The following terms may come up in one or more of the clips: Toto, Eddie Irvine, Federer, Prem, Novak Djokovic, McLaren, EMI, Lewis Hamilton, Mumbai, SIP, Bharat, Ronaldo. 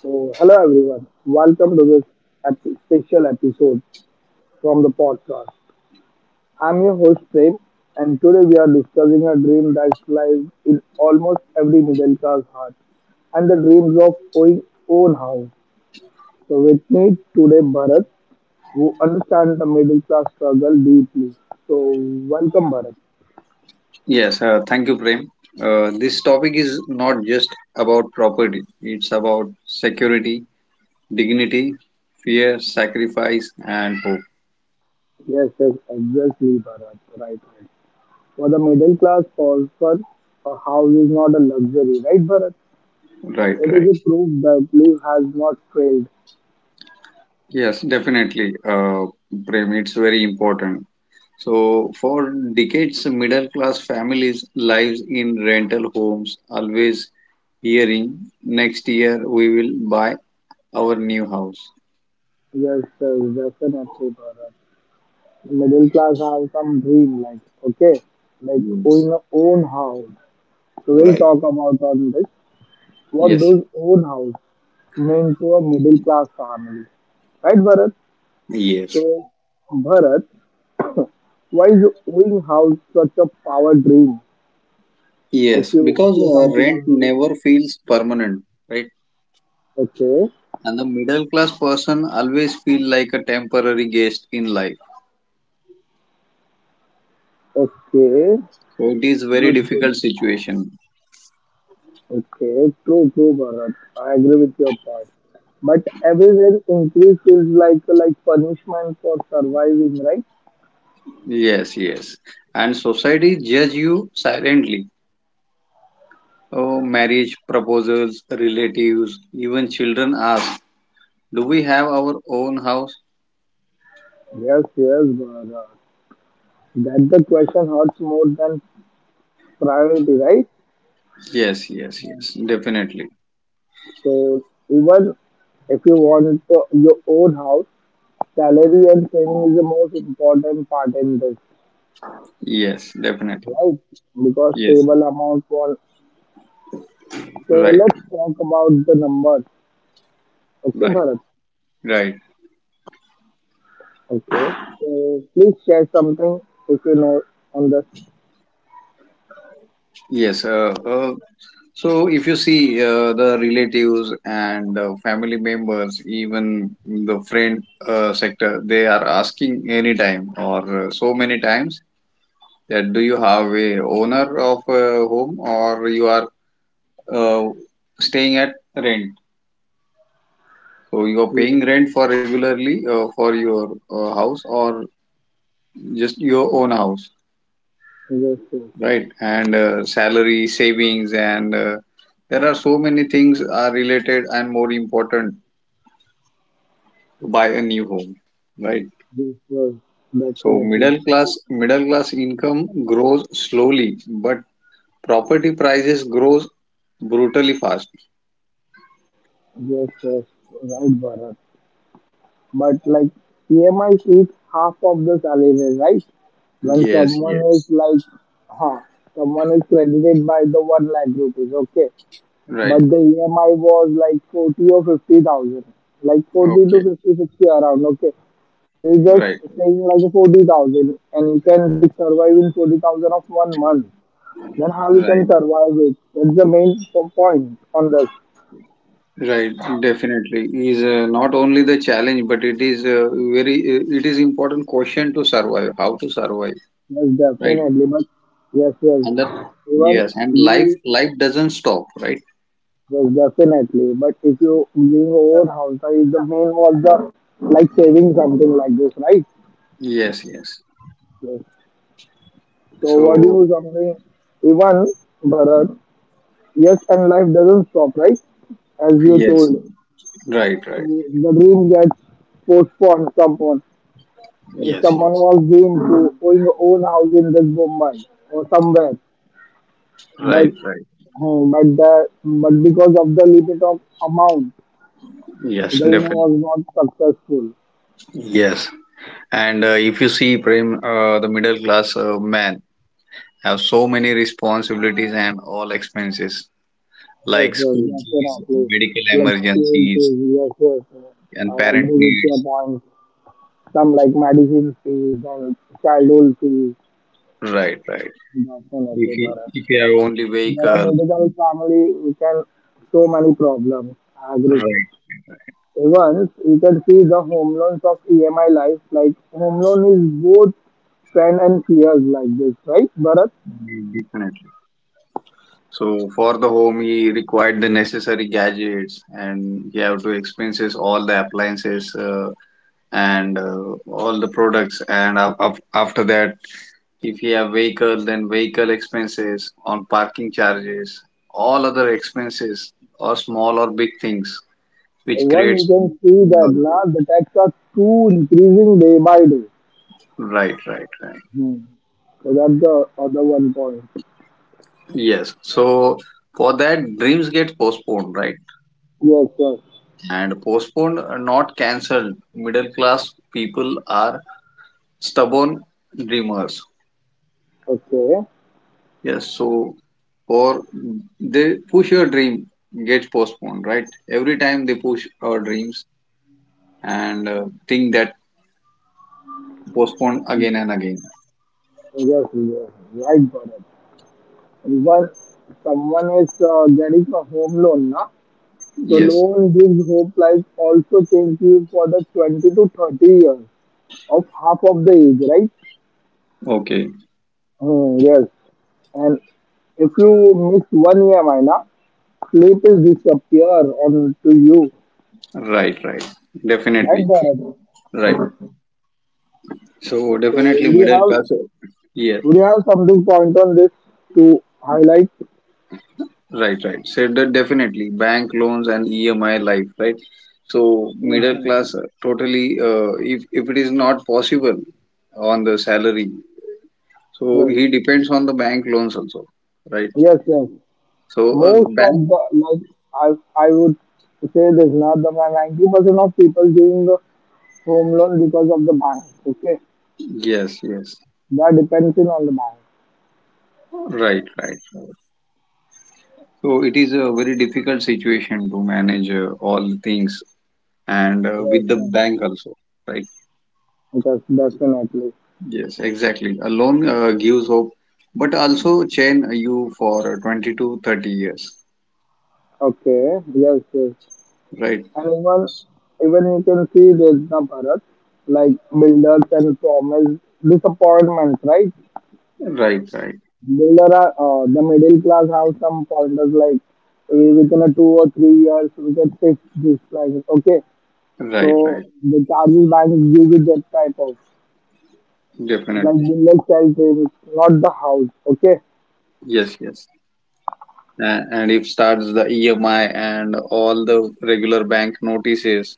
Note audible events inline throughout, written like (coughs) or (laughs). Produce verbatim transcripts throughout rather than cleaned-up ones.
So, hello everyone. Welcome to this ep- special episode from the podcast. I'm your host Prem, and today we are discussing a dream that's live in almost every middle class heart, and the dreams of owning own house. So, with me today Bharat, who understands the middle class struggle deeply. So, welcome Bharat. Yes, uh, thank you, Prem. Uh, this topic is not just about property, it's about security, dignity, fear, sacrifice, and hope. Yes, yes, obviously Bharat. Right, right. For the middle class person, a house is not a luxury, right Bharat? Right, It is right. a proof that Leaf has not failed. Yes, definitely, uh, Prem, it's very important. So, for decades, middle class families' lives in rental homes, always hearing, next year we will buy our new house. Yes, yes, definitely, Bharat. Middle class have some dream, like, okay, like Yes. own own house. So we'll Right. talk about on this. What Yes, does yes. own house mean to a middle class family? Right, Bharat? Yes. So, Bharat, (coughs) why is own house such a power dream? If Yes, you because say uh, something rent on never feels permanent, right? this. Okay, And the middle class person always feel like a temporary guest in life. okay, So it is very good, good. difficult situation. Okay, true, true, Bharat. I agree with your point. But everywhere increase feels like like punishment for surviving, right? Yes, yes. And society judge you silently. Oh, marriage proposals, relatives, even children ask, do we have our own house? Yes, yes, Bharat. That the question hurts more than priority, right? Yes, yes, yes. Definitely. So even if you want to, your own house, salary and saving is the most important part in this, Yes, definitely. right? Because Yes. stable amount for. So Right, let's talk about the numbers. Okay, right, Bharat. right. Okay. So please share something if you know on the Yes. Uh, uh, so if you see uh, the relatives and uh, family members, even the friend uh, sector, they are asking anytime or uh, so many times that do you have a owner of a home or you are uh, staying at rent? So you are yes, paying rent yes, for regularly uh, for your uh, house or just your own house. yes, yes. Right. And uh, salary savings, and uh, there are so many things are related and more important to buy a new home, right. This was So definitely middle class middle class income grows slowly, but property prices grows brutally fast. yes, yes, right, Bharat. But like E M I eats half of the salary, right? When Yes, someone is yes. like, huh, someone is credited by the one lakh rupees. Okay, Right. but the E M I was like forty or fifty thousand, like forty to Okay. fifty, sixty around. Okay, so you just Right, saying like forty thousand and you can just survive in forty thousand of one month. Then how you can right, survive it? That's the main po- point on this. right. Definitely is uh, not only the challenge, but it is uh, very uh, it is important question to survive, how to survive, Yes, right? definitely. But yes, yes, And then even yes, and life you, life doesn't stop, right? yes, definitely. But if you giving over house, so is the main was the like saving something like this, right? Yes, yes. Yes. So what do So you something even Bharat? Yes, and life doesn't stop, right? As you yes. told, Right, so right. the dream gets postponed. Someone, if Yes, someone yes. was dream to own your own house in this Mumbai or somewhere, but Right, right. hmm, but that but because of the limit of amount, the Yes, aim definitely. was not successful. Yes, and uh, if you see Prem, uh, the middle class uh, man have so many responsibilities and all expenses Yes, like yes, school that's fees, enough. Like medical like scale emergencies, pays. Yes, yes, yes. and I parent agree with your needs. point. Some like medicine fees, then childhood fees. Right, right. That's enough. if you if There you have only are vehicle, medical family we can so many problems. I agree. right? Once you can see the home loans of E M I life. Like home loan is both spend and fears like this, right, Bharat? Definitely. So for the home, he required the necessary gadgets, and he have to expenses all the appliances, uh, and uh, all the products. And af- af- after that, if he have vehicle, then vehicle expenses on parking charges, all other expenses or small or big things, which One you creates. can see that now the tax are too increasing day by day. Right, right, right. Hmm. So that's the other one point. Yes. So for that, dreams get postponed, right? Yes, yes. And postponed, uh, not cancelled. Middle class people are stubborn dreamers. Okay. Yes, so or they push your dream gets postponed, right? Every time they push our dreams and uh, think that postponed again and again. Yes, yes. Right, Bharat. Even someone is uh, getting a home loan, na? So Yes. loan gives hope life also change you for the twenty to thirty years of half of the age, right? Okay. Hmm, yes. And if you miss one year, Maina, sleep is disappear on to you, Right. Right. right, Definitely. Bharat? Right. So So definitely would you middle have class. Yeah. would you have something point on this to highlight? Right. Right. Said that definitely bank loans and E M I life. Right. So Yes, middle yes, class uh, totally. Uh, if if it is not possible on the salary. So yes, he depends on the bank loans also, right? yes, yes. So a Most of bank, the like I I would say this not the ninety percent of people doing the home loan because of the bank. Okay, yes, yes, That depends in on the bank. right, right. Right. So it is a very difficult situation to manage uh, all things and uh, Yes, with the yes, bank also, right? yes, definitely. Yes, exactly. A loan uh, gives hope, but also chain you for twenty to thirty years, Okay, yes, yes. right? And even even you can see Rajna Bharat, like builder can promise disappointments, right? Right, right, Builder are uh, the middle class have some pointers like we- within a two or three years we can fix this price. Okay, right, so right. the charging bank gives you that type of like Definitely. builder sell dreams, not the house. Okay, Yes, yes. A- And if starts the E M I and all the regular bank notices.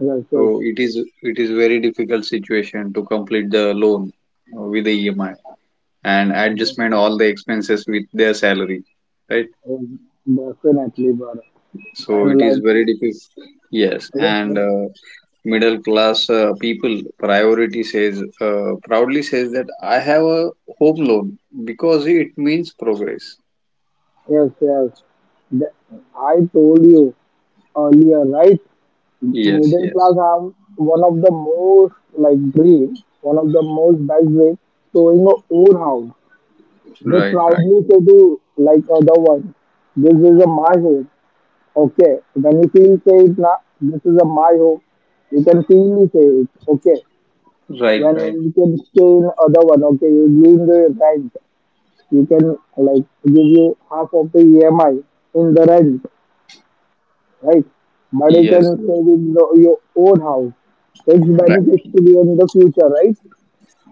yes, yes, So it is it is very difficult situation to complete the loan uh, with the E M I and yes, adjustment all the expenses with their salary, right? yes, definitely, Bharat. So And it is like, very difficult. Yes, and yes, uh, middle class uh, people priority says uh, proudly says that I have a home loan because it means progress. yes. The- I told you earlier, right? Yes, Middle yes, class have one of the most like dream, one of the most best way to in a own house. They right, right, proudly say to like other one, this is a my home. Okay, when you feel say it na, this is a my home. You can freely say it. Okay, right, when right. you can say in other one, okay, you give the rent. You can like give you half of the E M I in the rent, right? But you Yes, can yes. save in the, your own house. It's Right. benefits to you in the future, right?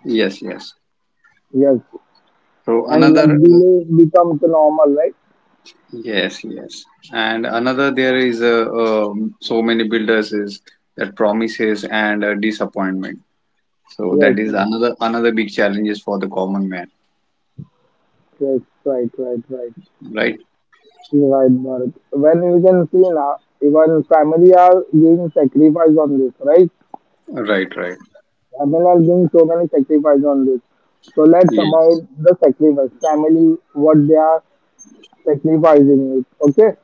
Yes, yes. Yes. So And like another, uh, delay becomes normal, right? yes, yes. And another there is uh, um so many builders is that promises and uh, disappointment. So Yes, that is yes, another another big challenges for the common man, yes, right, right, right. right? You're Right, Bharat. When you can see now, even family are doing sacrifice on this, right? Right, right. Family are doing so many sacrifice on this. So let's Yes, about the sacrifice, family, what they are sacrificing it, okay?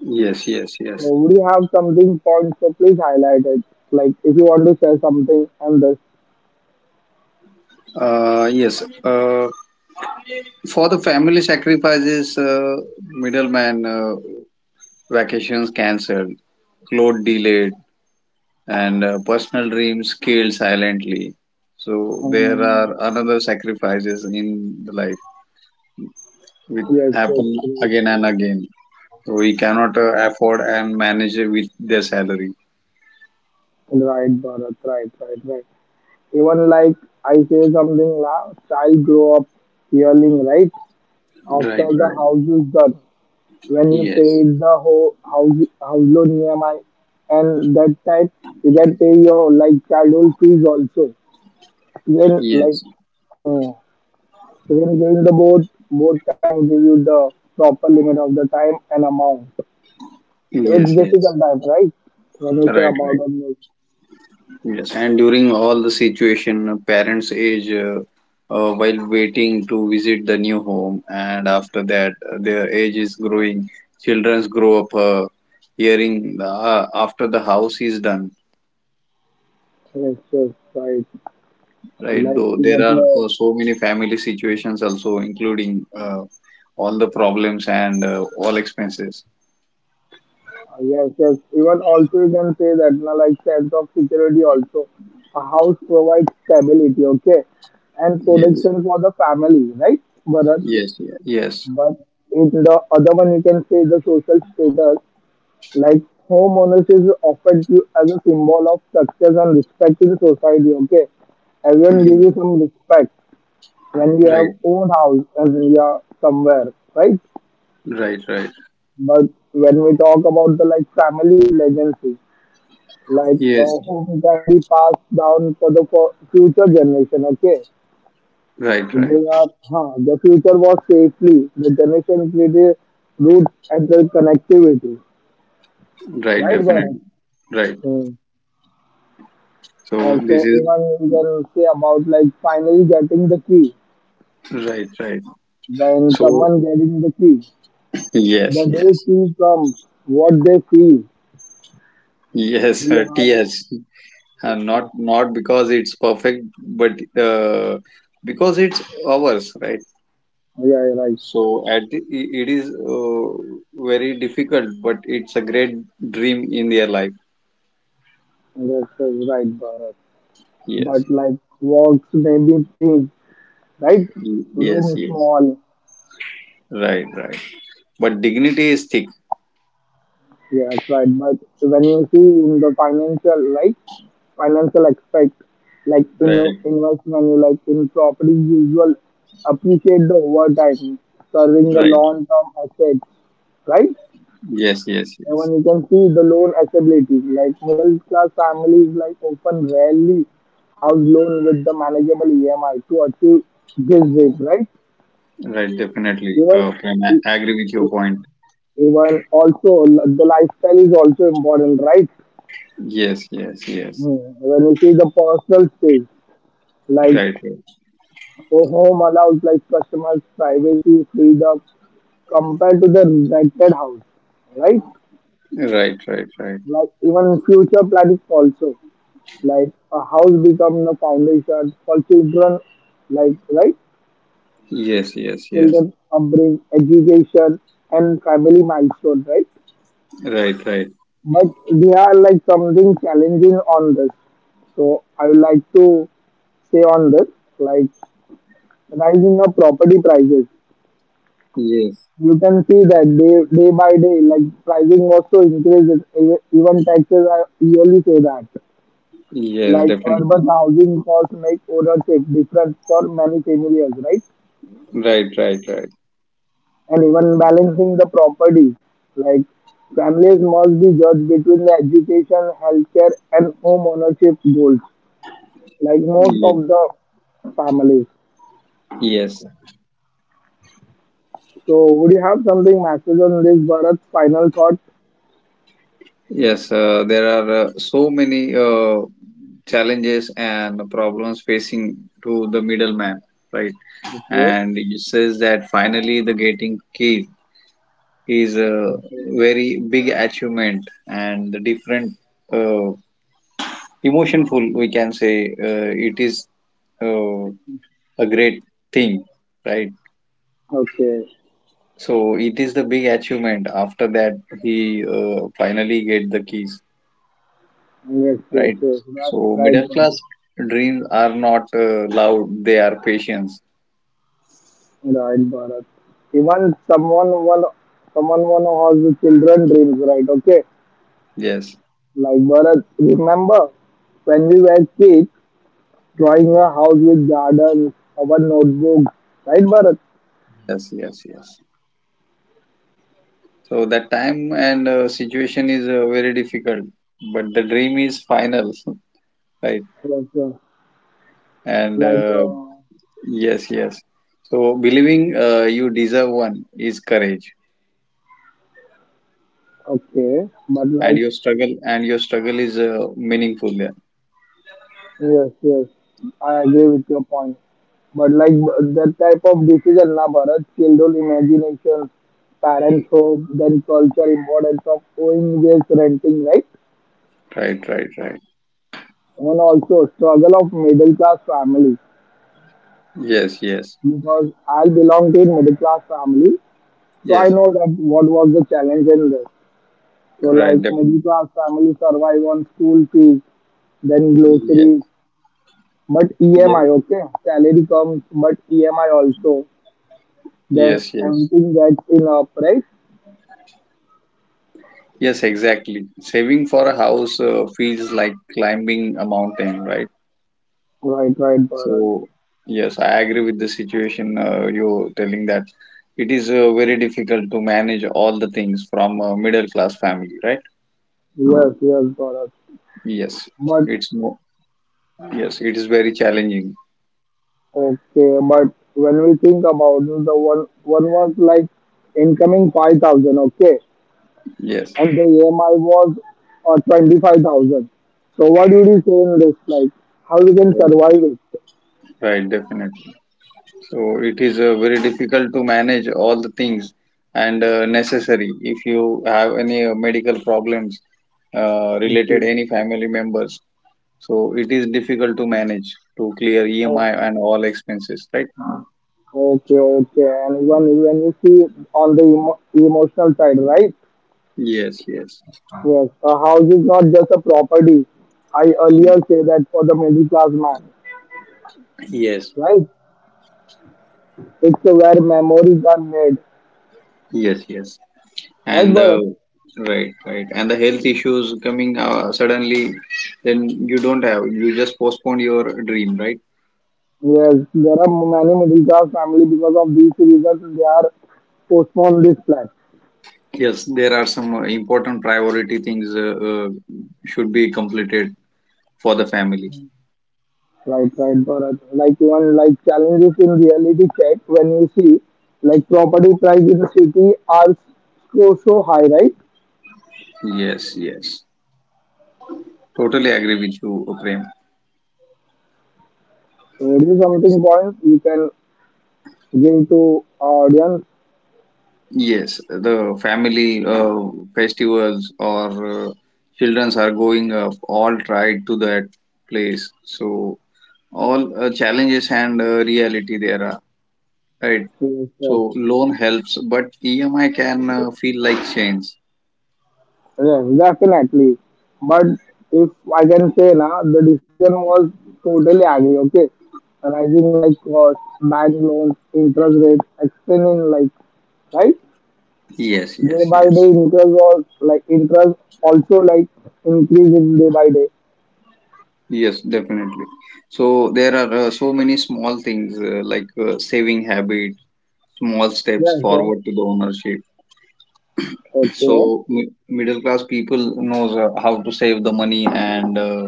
yes, yes, So yes. would you have something points? So please highlight it. Like if you want to share something on this. Uh, yes. Uh, for the family sacrifices, uh, middleman uh, vacations cancelled, clothes delayed, and uh, personal dreams killed silently. So there Um, are another sacrifices in the life. With yes, yes, happen yes. again and again. So we cannot uh, afford and manage with their salary. Right, Bharat. Right, right, right. Even like I say something now, child grow up hearing, right? After Right, the right. house is done, when you pay Yes, the whole house house loan E M I, and that time you can pay your like childhood fees also. Then like. yes, Hmm. So when you join the board, board time will give you the proper limit of the time and amount. So it's yes, yes. decision time, right? When you say Right, right. amount of milk, Yes, and during all the situation, uh, parents' age, uh, uh, while waiting to visit the new home, and after that, uh, their age is growing. Childrens grow up. Uh, hearing uh, after the house is done. yes, yes, right. Right, Like though there even are uh, uh, so many family situations also, including uh, all the problems and uh, all expenses. yes, yes. Even also you can say that na, like sense of security also. A house provides stability, okay, and Yes, protection for the family, right, Bharat? yes, yeah, yes, But in the other one you can say the social status. Like home ownership is offered you as a symbol of success and respect in society, okay? Everyone give yeah, you some respect when you have right, own house as in you are somewhere, right? right, right. But when we talk about the like family legacy, like uh, Yes, home can be passed down for the for future generation, okay? right, right, They are, huh, the future was safely, the generation created roots and the connectivity, right, right, Varun? definitely, right. So Uh, this so is even you can say about like finally getting the key. right, right. When So someone getting the key, the yes, day yes, key comes, what they feel. Do yes, (laughs) you uh, have? T S. Uh, Okay. not not because it's perfect, but uh, because it's ours, right? Yeah, yeah, right. So at the, i- it is uh, very difficult, but it's a great dream in their life. That's that's right, Bharat. Yes, But like walks maybe thin, right? Y- yes, Room yes. small. Right, right. But dignity is thick. Yes, right. But when you see in the financial, right? Financial aspect, like in Right, investment, you like in property, usual appreciate the over time, serving the right. long-term assets, right? Yes, yes, yes. Even you can see the loan accessibility, like middle class families like often rarely house loan with the manageable E M I to achieve this rate, right? Right, definitely. Even Uh, Prem, e- I agree with your e- point. even also the lifestyle is also important, right? Yes, yes, yes. Hmm. When you see the personal space, like Right, right, the home allows like customers privacy freedom compared to the rented house, right? right, right, right. Like even future planning also, like a house become the foundation for children, like right, Yes, yes, yes. children upbringing, education, and family milestone, right? Right, right. But they are like something challenging on this. So I would like to say on this, like rising of property prices. Yes, You can see that day, day by day, like pricing also increases. Ev- Even taxes are yearly say that. yes, Like urban definitely. housing costs make ownership different for many families, right? Right, right, right. And even balancing the property, like families must be judged between the education, healthcare, and home ownership goals. Like most Yes, of the families. yes. So would you have something message on this Bharat final thought? Yes, uh, there are uh, so many uh, challenges and problems facing to the middleman, right? Okay. And it says that finally the getting key is a Okay. very big achievement and the different uh, emotionful we can say uh, it is uh, a great thing, right? Okay. So it is the big achievement. After that, he uh, finally get the keys. Yes, yes, Right? yes. That's So right, middle class Bharat. dreams are not uh, loud; they are patience. Right, Bharat. Even someone, one, someone, one has the children dreams, right? Okay, Yes, like Bharat. Remember when we were kids, drawing a house with gardens, our notebooks, right, Bharat? yes, yes, yes. So that time and uh, situation is uh, very difficult, but the dream is final, (laughs) right? Yes, yes. And Like, uh, uh, yes, yes. So believing uh, you deserve one is courage, okay, but and like your struggle and your struggle is uh, meaningful. Yeah. yes, yes, I agree with your point. But like that type of decision, na Bharat, children imagination, parents hope, then culture importance of owing versus renting, right? Right, right, right. And also struggle of middle class family Yes, yes, because I belong to a middle class family, so I yes. know that what was the challenge in this. So like Right, definitely. middle class family survive on school fees, then groceries, Yes, but yes, E M I, okay, salary comes, but E M I also. Then yes, yes. everything gets enough, right? Yes, exactly. Saving for a house uh, feels like climbing a mountain, right? Right, right, Bharat. So, yes, I agree with the situation uh, you're telling that it is uh, very difficult to manage all the things from a middle class family, right? Yes, yes, Bharat. Yes, But it's more, yes, it is very challenging. okay, but when we think about it, the one one was like incoming five thousand, okay, Yes, and the E M I was uh, twenty five thousand. So what do you say in this? Like how you can correct. survive it? Right, definitely. So, it is uh, very difficult to manage all the things and uh, necessary if you have any uh, medical problems uh, related Okay. any family members. So it is difficult to manage to clear E M I Oh, and all expenses, right? okay, okay. And even when you see on the emo- emotional side, right? Yes, yes. Yes, a house is not just a property. I earlier say that for the middle class man, Yes. right? It's where memories are made, Yes, yes. right, And Bharat? the right, right. And the health issues coming uh, suddenly, then you don't have. You just postpone your dream, right? Yes, there are many middle class family because of these reasons they are postponed this plan. Yes, there are some uh, important priority things uh, uh, should be completed for the family. Right, right, Bharat. Like even like challenges in reality check when you see like property price in the city are so so high, right? Yes, yes. Totally agree with you, Prem. So this is something point you can give to our audience. Yes, the family uh, festivals or uh, childrens are going up, all tried to that place. So all uh, challenges and uh, reality there are, right? Yes, yes. So loan helps, but E M I can uh, feel like change. Yes, definitely. But if I can say now, the decision was totally agree. Okay, rising like cost, bank loans, interest rates, explaining like right Yes, day yes, by day yes. interest was like interest also like increasing day by day. Yes, definitely. So there are uh, so many small things uh, like uh, saving habit, small steps Yes, yes. forward to the ownership. Okay, So mi- middle class people knows uh, how to save the money, and uh,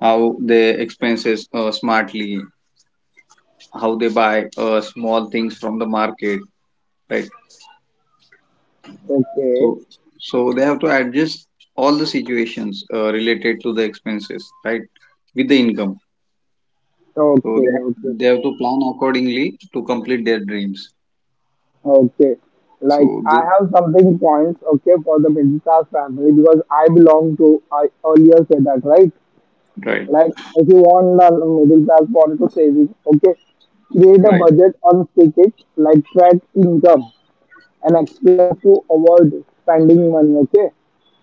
how they expenses uh, smartly, how they buy uh, small things from the market, right. so okay, so they have to adjust all the situations uh, related to the expenses, right, with the income. So okay, they have, okay, they have to plan accordingly to complete their dreams. okay. Like So I they, have something points, okay, for the middle class family because I belong to I earlier said that, right. right, Like if you want the middle class want to saving, okay, create a right. budget on tickets, like track income and explain to avoid spending money, okay,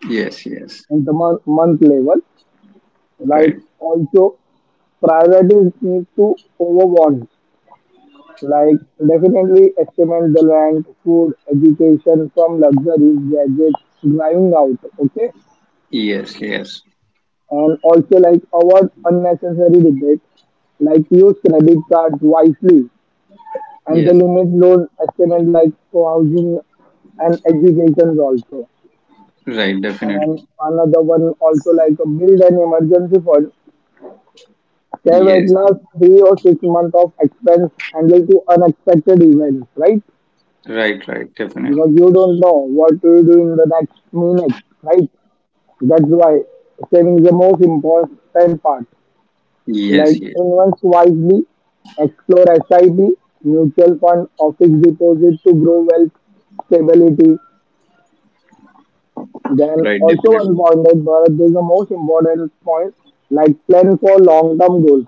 Yes, yes. in the month, month level. Like Right. also priorities need to overwatch. Like definitely estimate the rent, food, education from luxury gadgets, driving out, okay, Yes, yes, and also like avoid unnecessary debate like use credit cards wisely and the yes. limit loan estimate like for housing and educations also. Right, And definitely. another one also like a build an emergency fund, save at Yes. least three or six months of expense handling to unexpected events, right? Right, right, definitely. Because you don't know what to do in the next minute, right? That's why saving is the most important part. Like Yes, yes. invest wisely, explore SIP, mutual fund, or fixed deposit to grow wealth stability. Then Right, also one definitely. point that Bharat is the most important point, like plan for long-term goals.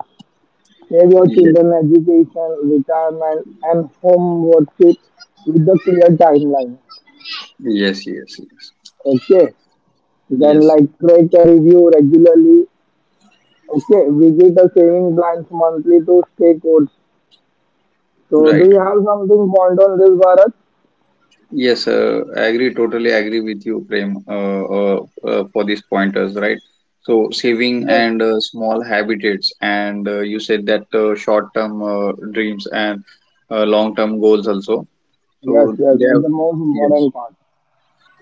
Save your Yes, children education, retirement and home worship with the clear timeline. yes, yes, yes. Okay. Then Yes, like track a review regularly. Okay. Visit the saving plans monthly to stay course. So do right. you have something point on this, Bharat? Yes, uh, I agree, totally agree with you, Prem, uh, uh, uh, for these pointers, right? So, saving Yes. and uh, small habitats, and uh, you said that uh, short-term uh, dreams and uh, long-term goals also. Yes, So, yes. they That's have, the most yes, important part.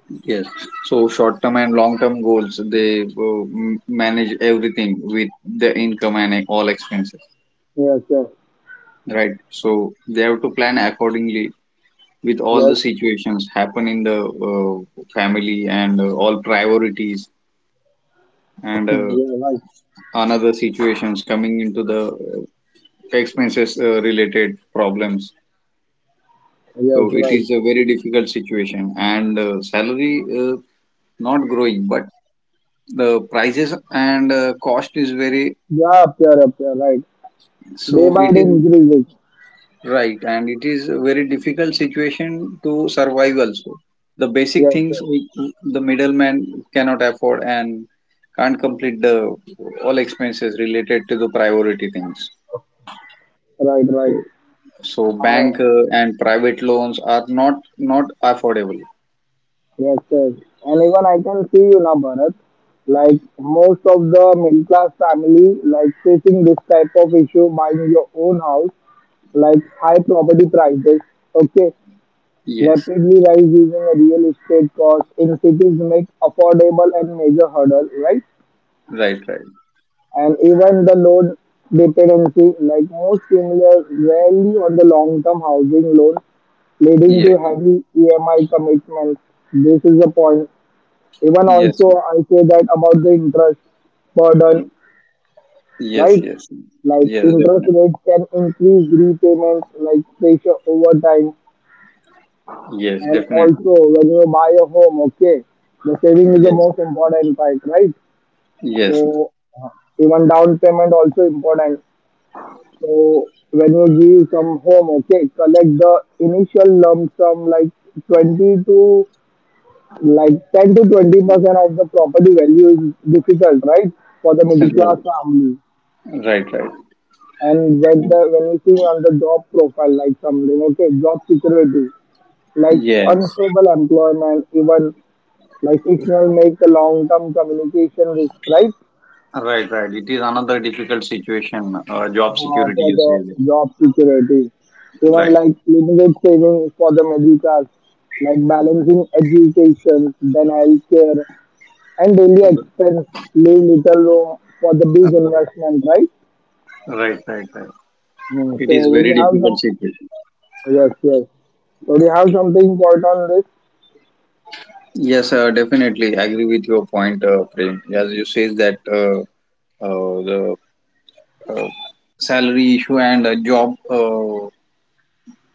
yes. So, short-term and long-term goals, they uh, m- manage everything with the income and all expenses. Yes, yes. Right. So they have to plan accordingly with all Yes. the situations happen in the uh, family and uh, all priorities and (coughs) (clears throat) uh, yeah, right. another situations coming into the uh, expenses uh, related problems. Yes, So it right. is a very difficult situation and uh, salary uh, not growing, but the prices and uh, cost is very. Yeah, up there, up there, right. Day So by it day is. increases. Right, and it is a very difficult situation to survive also. The basic Yes, things yes. we- the middleman cannot afford and can't complete the all expenses related to the priority things. Right, right. So, so Uh, bank uh, and private loans are not not affordable. yes, yes. And even I can see you now, Bharat. Like most of the middle class family, like facing this type of issue buying your own house, like high property prices. Okay, Yes, rapidly rise in real estate costs in cities make affordable and major hurdle, right? right, right. And even the loan dependency, like most similar, rarely on the long-term housing loan, leading to Yes, heavy E M I commitments. This is the point. Even yes, also, I say that about the interest burden, yes, right? yes, Like yes, interest definitely. rates can increase repayments, like pressure over time, Yes, and definitely. also when you buy a home, okay, the saving is the Yes, most important part, right? yes, So even down payment also important. So when your ghee come home, okay, collect the initial lump sum like twenty to like ten to twenty percent of the property value is difficult, right, for the middle right, class family. right, right. And when the when you see on the job profile like something, okay, job security, like Yes. unstable employment, even like it will make a long term communication risk, right? Right, right. It is another difficult situation. Uh, job uh, security, for you the say job security, that. even Right. like limited savings for the middle class, like balancing education, then healthcare, and daily expense, leave little room for the big investment, right? Right, right, right. Right. Hmm, It so is would very you have difficult some? situation. Yes, yes. So we have something quite on this Yes, uh, definitely agree with your point, uh, Prem. As you say that uh, uh, the uh, salary issue and uh, job uh,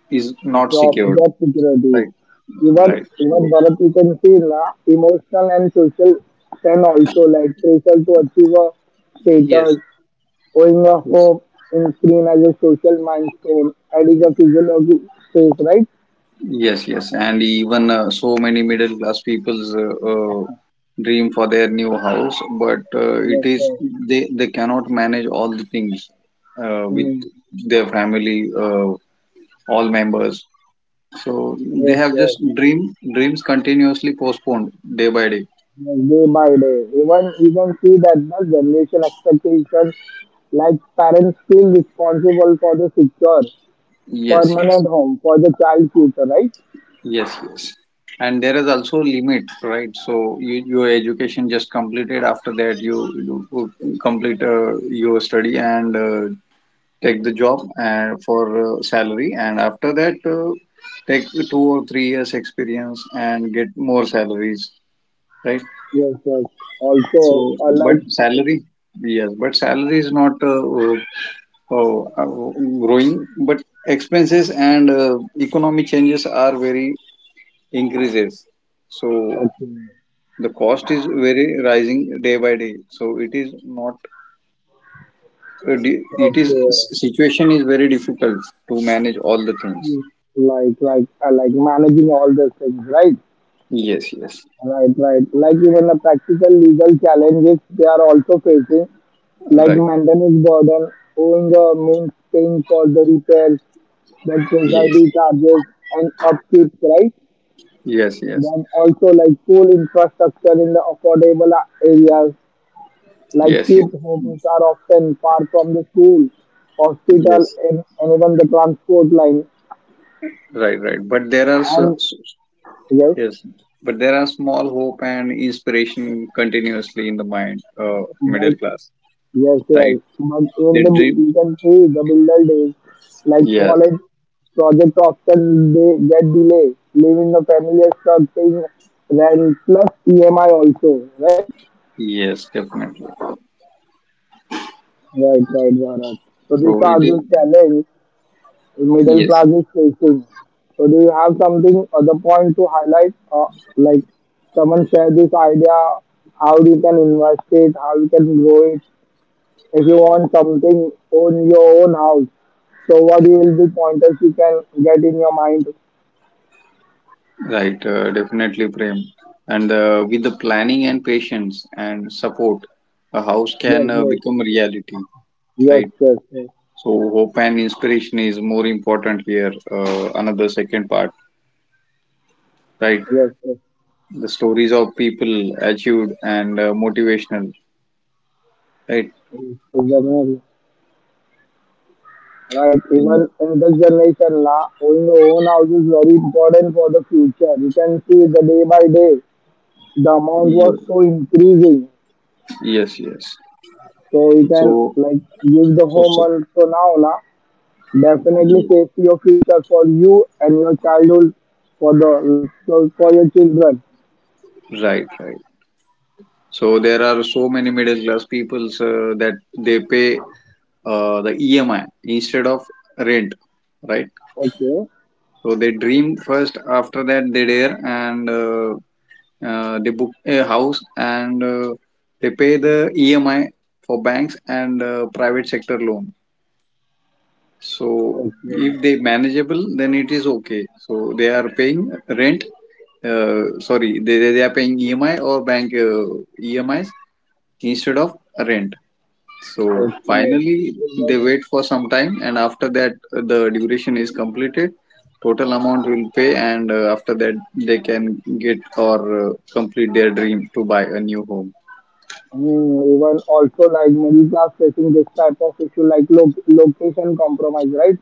is not job, secured. job security. Right, Even right. So, even Bharat, you can see na emotional and social stand also like pressure to achieve a yes. status. Going off of screen as a social milestone, adding a physiological stake, right? Yes, yes, and even uh, so many middle class people's uh, uh, dream for their new house, but uh, it Yes, is yes, they they cannot manage all the things uh, with yes, their family, uh, all members. So they yes, yes. have just Yes, dream dreams continuously postponed day by day. day by day, even you can see that the generation expectation, like parents feel responsible for the secure, Yes, yes, permanent home for the child future, right? yes, yes. And there is also limit, right? So you, your education just completed. After that, you, you complete uh, your study, and uh, take the job and for uh, salary, and after that uh, take two or three years experience and get more salaries, right. Yes, yes. So Also, uh, but like salary. Yes, but salary is not uh, uh, uh, growing, but expenses and uh, economic changes are very increases. So okay, the cost is very rising day by day, so it is not uh, di- it is okay. s- situation is very difficult to manage all the things. Mm, like like uh, like managing all these things, right? Yes, yes. Right, right. Like even the practical legal challenges they are also facing, like Right. maintenance burden, owing the means paying for the repairs that Yes. society charges and upkeep, right? Yes. Yes. Then also like poor infrastructure in the affordable areas, like Yes. Yes. cheap homes are often far from the school, hospital, Yes. and, and even the transport line. Right. Right. But there are so, And so- yes, yes. But there are small hope and inspiration continuously in the mind uh, of middle but class. yes, yes. Right. But in They the bu- dream. you can see the builder days, like Yes. college projects often they get delayed, leaving the family stuck paying rent plus E M I also, right? Yes. Definitely. Right, right, Bharat. So these So are it is. the challenge middle Yes. class is facing. So do you have something other point to highlight? Uh, like someone share this idea, how you can invest it, how you can grow it. If you want something, own your own house. So what will be pointers you can get in your mind? Right. Uh, definitely, Prem. And uh, with the planning and patience and support, a house Yes, can uh, yes, become a reality. yes, Right. yes, yes, So hope and inspiration is more important here. Uh, another second part, right? yes, yes, yes, The stories of people achieved and uh, motivational, right? yes, definitely. Right, In even the, in this generation now, owning your own house is very important for the future. You can see the day by day, the amount yeah. was so increasing. Yes, yes. So you can So, like give the so, home so also now, na definitely yeah. save your future for you and your childhood for the like for for your children. Right, right. So there are so many middle class peoples uh, that they pay uh, the E M I instead of rent, right? Okay, So they dream first. After that, they dare, and uh, uh, they book a house, and uh, they pay the E M I for banks and uh, private sector loan. So okay, if they manageable, then it is okay. So they are paying rent. Uh, sorry, they, they they are paying E M I or bank uh, E M Is instead of rent. So okay. finally, they Even, wait for some time, and after that, uh, the duration is completed. Total amount will pay, and uh, after that, they can get or uh, complete their dream to buy a new home. hmm, even also like middle class facing this type of issue like lo- location compromise, right?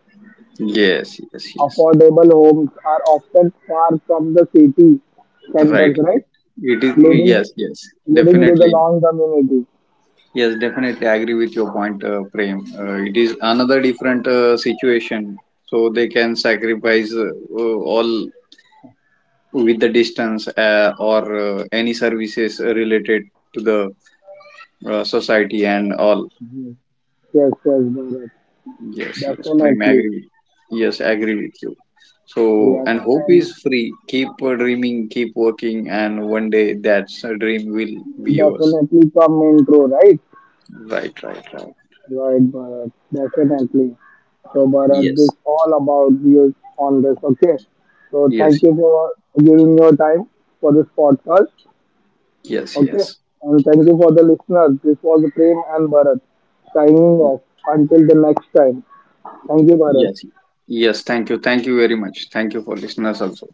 Yes, yes, yes. Affordable homes are often far from the city Right, right. centers, right? It is Leading yes, yes, leading to the definitely. long community. Yes, definitely. Agree with your point, uh, Prem. Uh, it is another different uh, situation, so they can sacrifice uh, uh, all with the distance uh, or uh, any services related to the uh, society and all. Mhm. Yes, yes, Bharat. Yes, yes, Prime, Definitely. agree. Yes, agree with you. So, Yes, and hope and is free, keep uh, dreaming, keep working, and one day that uh, dream will be yours, definitely come in true, right? right, right, right. Right, Bharat, definitely. So, Bharat, this Yes. all about views on this, okay? So, Yes, thank you yes, for giving your time for this podcast, yes, okay? yes, And thank you for the listeners. This was Prem and Bharat signing off. Until the next time. Thank you, Bharat. yes, yes, thank you, thank you very much, thank you for listeners also.